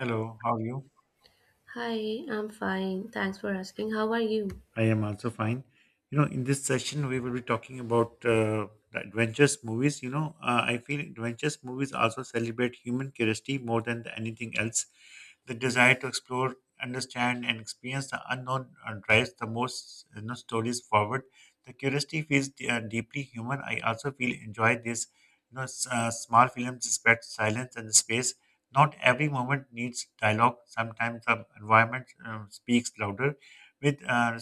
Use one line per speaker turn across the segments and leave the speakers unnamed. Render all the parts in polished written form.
Hello, how are you?
Hi, I'm fine. Thanks for asking. How are you?
I am also fine. In this session, we will be talking about the adventures movies. I feel adventures movies also celebrate human curiosity more than anything else. The desire to explore, understand, and experience the unknown drives the most stories forward. The curiosity feels deeply human. I also feel enjoy this. Small films respect silence and space. Not every moment needs dialogue. Sometimes the environment speaks louder with uh,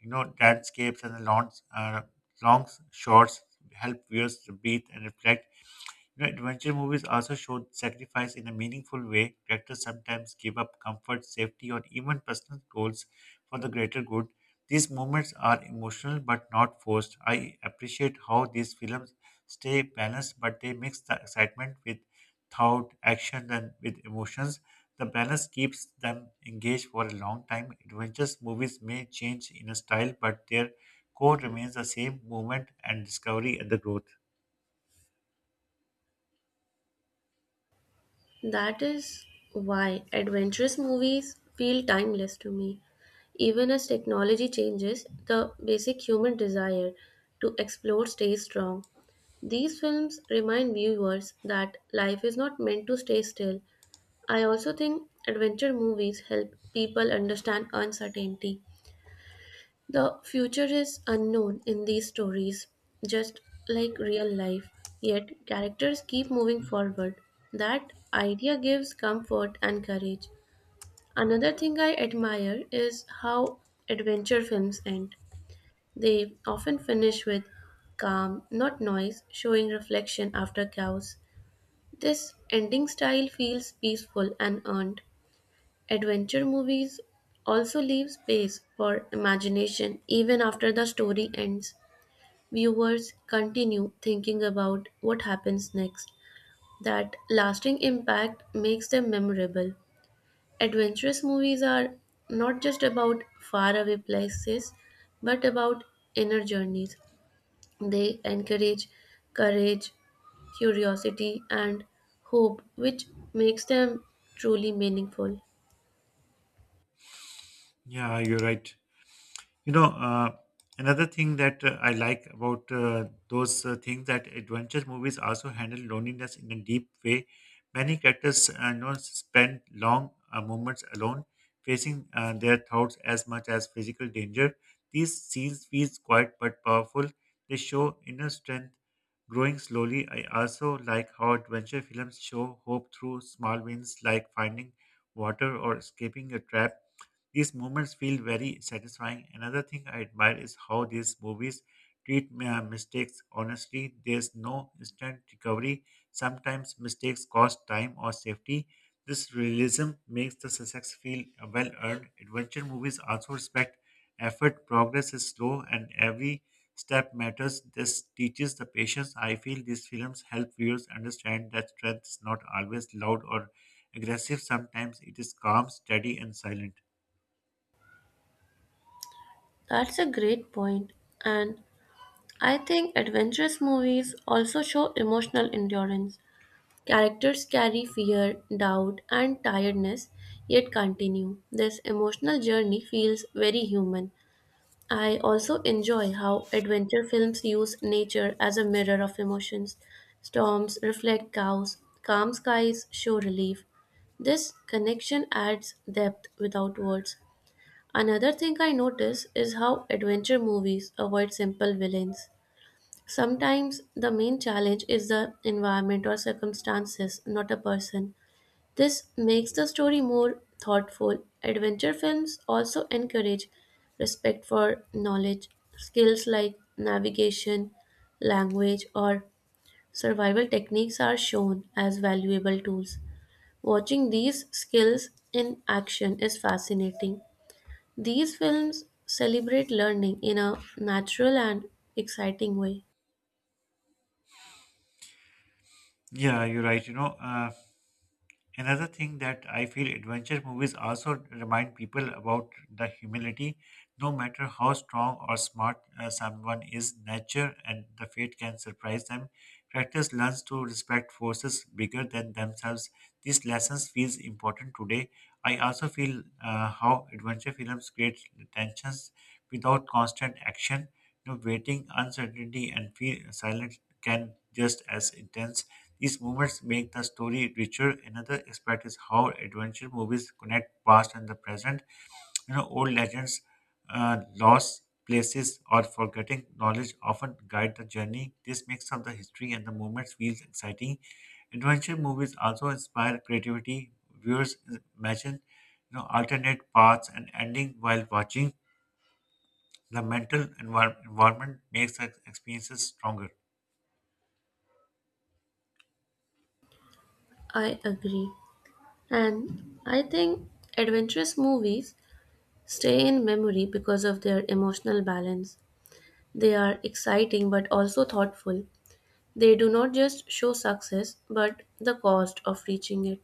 you know landscapes and the uh, long shots help viewers to breathe and reflect. Adventure movies also show sacrifice in a meaningful way. Characters sometimes give up comfort, safety, or even personal goals for the greater good. These moments are emotional but not forced. I appreciate how these films stay balanced, but they mix the excitement with thought, action, and with emotions. The balance keeps them engaged for a long time. Adventures movies may change in a style, but their core remains the same movement and discovery and the growth.
That is why adventurous movies feel timeless to me. Even as technology changes, the basic human desire to explore stays strong. These films remind viewers that life is not meant to stay still. I also think adventure movies help people understand uncertainty. The future is unknown in these stories, just like real life, yet characters keep moving forward. That idea gives comfort and courage. Another thing I admire is how adventure films end. They often finish with calm, not noise, showing reflection after chaos. This ending style feels peaceful and earned. Adventure movies also leave space for imagination even after the story ends. Viewers continue thinking about what happens next. That lasting impact makes them memorable. Adventurous movies are not just about faraway places but about inner journeys. They encourage courage, curiosity, and hope, which makes them truly meaningful.
Yeah, you're right. You know, uh, another thing that I like about those things that adventure movies also handle loneliness in a deep way. Many characters spend long moments alone, facing their thoughts as much as physical danger. These scenes feel quiet but powerful. They show inner strength growing slowly. I also like how adventure films show hope through small wins like finding water or escaping a trap. These moments feel very satisfying. Another thing I admire is how these movies treat mistakes honestly. There's no instant recovery. Sometimes mistakes cost time or safety. This realism makes the success feel well earned. Adventure movies also respect effort, progress is slow, and every step matters. This teaches the patience. I feel these films help viewers understand that strength is not always loud or aggressive. Sometimes it is calm, steady, and silent.
That's a great point. And I think adventurous movies also show emotional endurance. Characters carry fear, doubt, and tiredness, yet continue. This emotional journey feels very human. I also enjoy how adventure films use nature as a mirror of emotions. Storms reflect cows, calm skies show relief. This connection adds depth without words. Another thing I notice is how adventure movies avoid simple villains. Sometimes the main challenge is the environment or circumstances, not a person. This makes the story more thoughtful. Adventure films also encourage respect for knowledge, skills like navigation, language, or survival techniques are shown as valuable tools. Watching these skills in action is fascinating. These films celebrate learning in a natural and exciting way.
Yeah, you're right. Another thing that I feel adventure movies also remind people about the humility. No matter how strong or smart someone is, nature and the fate can surprise them. Characters learns to respect forces bigger than themselves. These lessons feels important today. I also feel how adventure films create tensions without constant action. Waiting, uncertainty, and feel silence can just as intense. These moments make the story richer. Another aspect is how adventure movies connect past and the present. Old legends, lost places, or forgetting knowledge often guide the journey. This mix of the history and the moments feels exciting. Adventure movies also inspire creativity. Viewers imagine, alternate paths and ending while watching. The mental environment makes the experiences stronger.
I agree. And I think adventurous movies stay in memory because of their emotional balance. They are exciting but also thoughtful. They do not just show success but the cost of reaching it.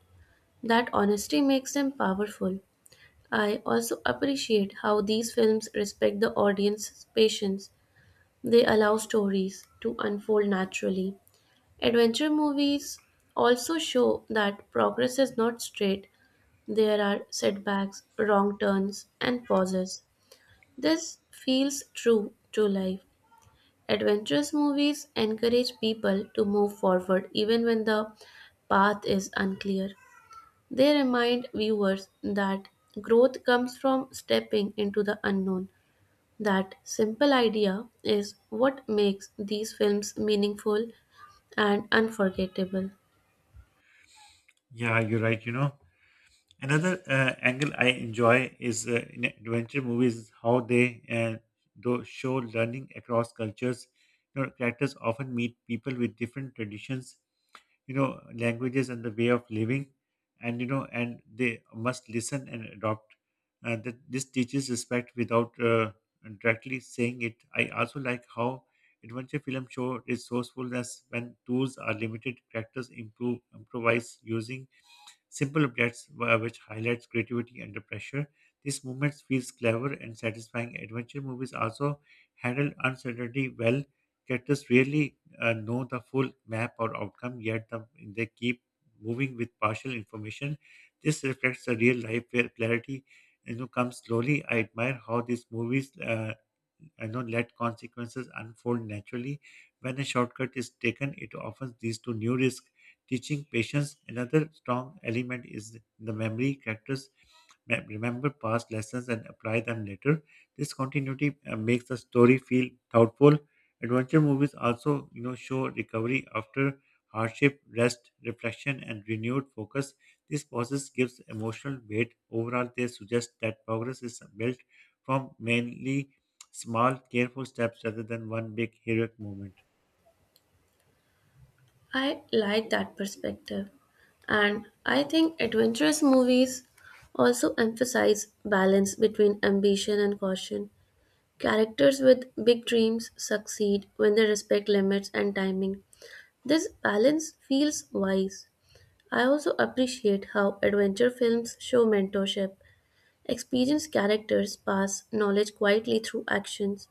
That honesty makes them powerful. I also appreciate how these films respect the audience's patience. They allow stories to unfold naturally. Adventure movies also show that progress is not straight. There are setbacks, wrong turns, and pauses. This feels true to life. Adventurous movies encourage people to move forward even when the path is unclear. They remind viewers that growth comes from stepping into the unknown. That simple idea is what makes these films meaningful and unforgettable.
Yeah, you're right. Another angle I enjoy is in adventure movies is how they do show learning across cultures. Characters often meet people with different traditions, languages and the way of living and and they must listen and adopt that this teaches respect without directly saying it. I also like how adventure film show resourcefulness when tools are limited. Characters improve improvise using simple objects which highlights creativity under pressure. These moments feels clever and satisfying. Adventure movies also handle uncertainty well. Characters rarely know the full map or outcome, they keep moving with partial information. This reflects the real life where clarity comes slowly. I admire how these movies let consequences unfold naturally. When a shortcut is taken, it often leads to new risk. Teaching patience, another strong element is the memory. Characters remember past lessons and apply them later. This continuity makes the story feel thoughtful. Adventure movies also, show recovery after hardship, rest, reflection, and renewed focus. This process gives emotional weight. Overall, they suggest that progress is built from mainly small, careful steps rather than one big heroic moment.
I like that perspective, and I think adventurous movies also emphasize balance between ambition and caution. Characters with big dreams succeed when they respect limits and timing. This balance feels wise. I also appreciate how adventure films show mentorship. Experienced characters pass knowledge quietly through actions,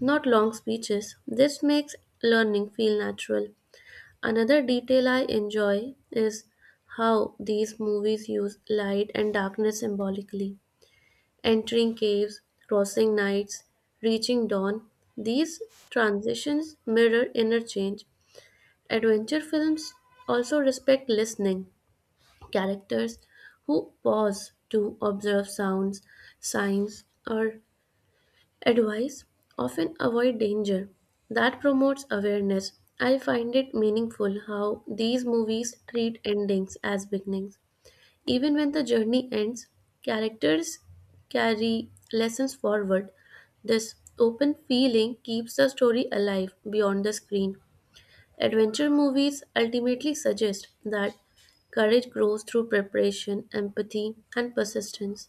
not long speeches. This makes learning feel natural. Another detail I enjoy is how these movies use light and darkness symbolically. Entering caves, crossing nights, reaching dawn, these transitions mirror inner change. Adventure films also respect listening, characters who pause to observe sounds, signs, or advice often avoid danger. That promotes awareness. I find it meaningful how these movies treat endings as beginnings. Even when the journey ends, characters carry lessons forward. This open feeling keeps the story alive beyond the screen. Adventure movies ultimately suggest that courage grows through preparation, empathy, and persistence.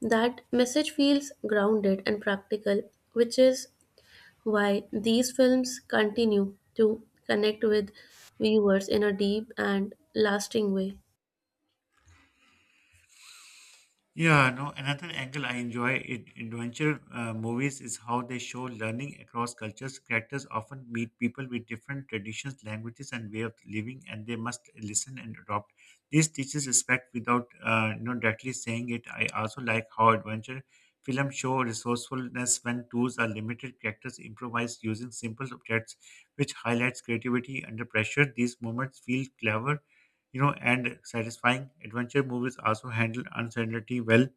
That message feels grounded and practical, which is why these films continue to connect with viewers in a deep and lasting way.
Yeah, no, another angle I enjoy in adventure movies is how they show learning across cultures. Characters often meet people with different traditions, languages, and way of living, and they must listen and adopt. This teaches respect without directly saying it. I also like how adventure films show resourcefulness when tools are limited. Characters improvise using simple objects, which highlights creativity under pressure. These moments feel clever and satisfying. Adventure movies also handle uncertainty well.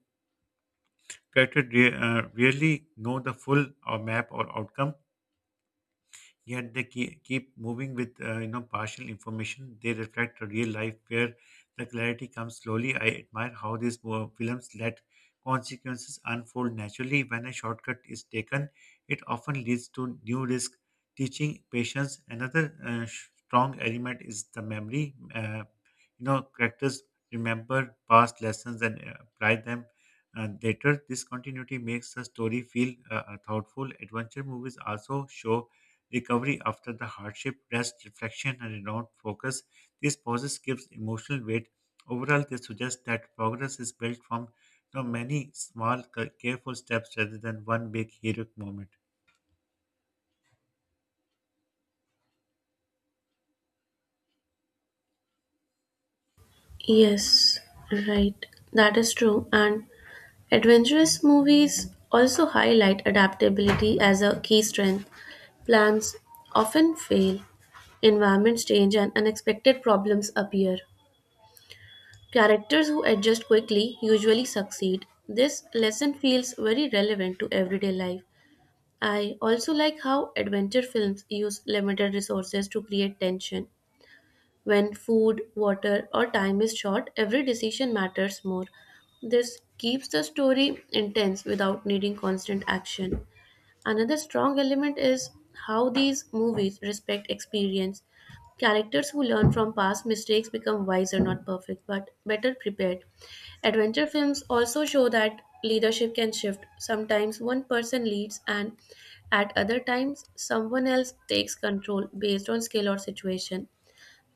Characters rarely know the full or map or outcome, yet they keep moving with partial information. They reflect a real life where the clarity comes slowly. I admire how these films let consequences unfold naturally. When a shortcut is taken, it often leads to new risk. Teaching patience. Another strong element is the memory. Characters remember past lessons and apply them later. This continuity makes the story feel thoughtful. Adventure movies also show recovery after the hardship, rest, reflection, and renewed focus. These pauses gives emotional weight. Overall, they suggest that progress is built from many small, careful steps rather than one big heroic moment.
Yes, right. That is true. And adventurous movies also highlight adaptability as a key strength. Plans often fail, environments change, and unexpected problems appear. Characters who adjust quickly usually succeed. This lesson feels very relevant to everyday life. I also like how adventure films use limited resources to create tension. When food, water, or time is short, every decision matters more. This keeps the story intense without needing constant action. Another strong element is how these movies respect experience. Characters who learn from past mistakes become wiser, not perfect, but better prepared. Adventure films also show that leadership can shift. Sometimes one person leads, and at other times, someone else takes control based on skill or situation.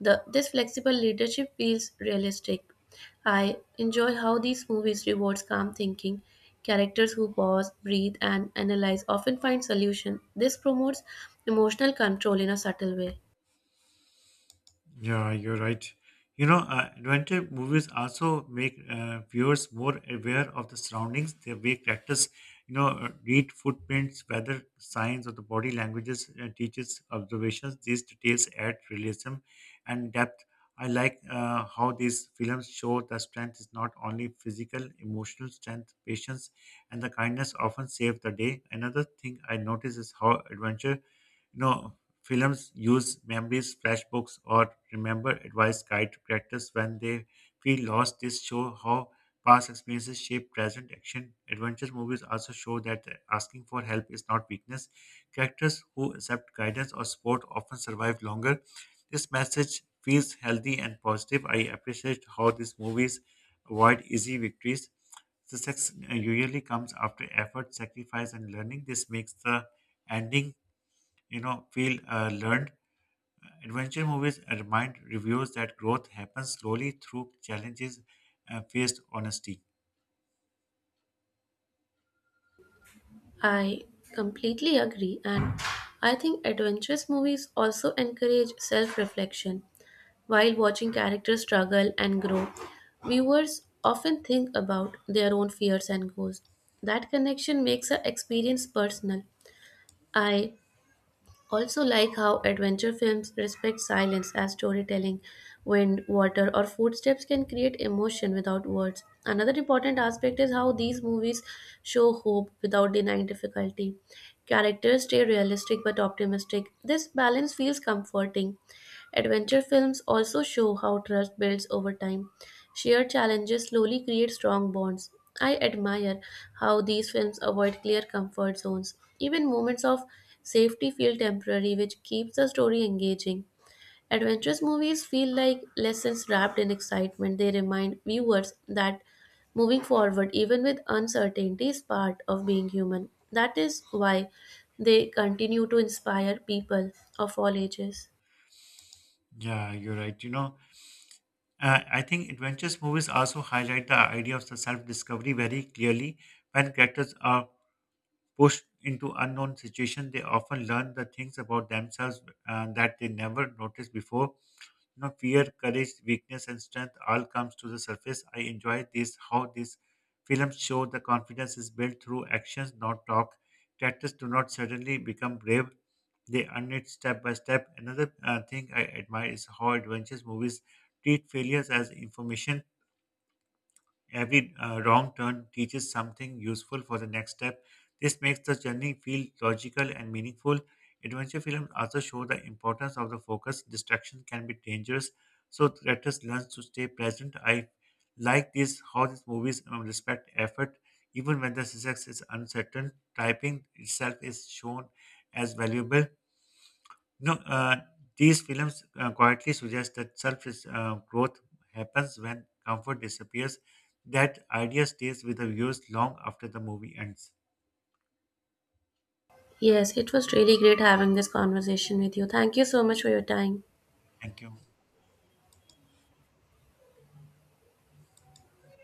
This flexible leadership feels realistic. I enjoy how these movies rewards calm thinking. Characters who pause, breathe, and analyze often find solution. This promotes emotional control in a subtle way.
Yeah, you're right. Adventure movies also make viewers more aware of the surroundings. They make characters, read footprints, weather signs, or the body languages, teaches observations. These details add realism and depth. I like how these films show that strength is not only physical, emotional strength, patience, and the kindness often save the day. Another thing I notice is how adventure you know films use memories, flashbooks, or remember advice guide to characters when they feel lost. This show how past experiences shape present action. Adventure movies also show that asking for help is not weakness. Characters who accept guidance or support often survive longer. This message feels healthy and positive. I appreciate how these movies avoid easy victories. Success usually comes after effort, sacrifice, and learning. This makes the ending feel learned. Adventure movies remind reviewers that growth happens slowly through challenges faced honesty.
I completely agree, and I think adventurous movies also encourage self-reflection. While watching characters struggle and grow, viewers often think about their own fears and goals. That connection makes our experience personal. I also like how adventure films respect silence as storytelling, wind, water or footsteps can create emotion without words. Another important aspect is how these movies show hope without denying difficulty. Characters stay realistic but optimistic. This balance feels comforting. Adventure films also show how trust builds over time. Shared challenges slowly create strong bonds. I admire how these films avoid clear comfort zones. Even moments of safety feel temporary, which keeps the story engaging. Adventurous movies feel like lessons wrapped in excitement. They remind viewers that moving forward, even with uncertainty, is part of being human. That is why they continue to inspire people of all ages.
Yeah, you're right. I think adventurous movies also highlight the idea of self-discovery very clearly. When characters are pushed into unknown situations, they often learn the things about themselves that they never noticed before. Fear, courage, weakness, and strength all comes to the surface. I enjoy this how these films show the confidence is built through actions, not talk. Characters do not suddenly become brave; they earn it step by step. Another thing I admire is how adventures movies treat failures as information. Every wrong turn teaches something useful for the next step. This makes the journey feel logical and meaningful. Adventure films also show the importance of the focus. Distraction can be dangerous, so the actors learn to stay present. I like this how these movies respect effort, even when the success is uncertain. Typing itself is shown as valuable. No, these films quietly suggest that self growth happens when comfort disappears. That idea stays with the viewers long after the movie ends.
Yes, it was really great having this conversation with you. Thank you so much for your time.
Thank you.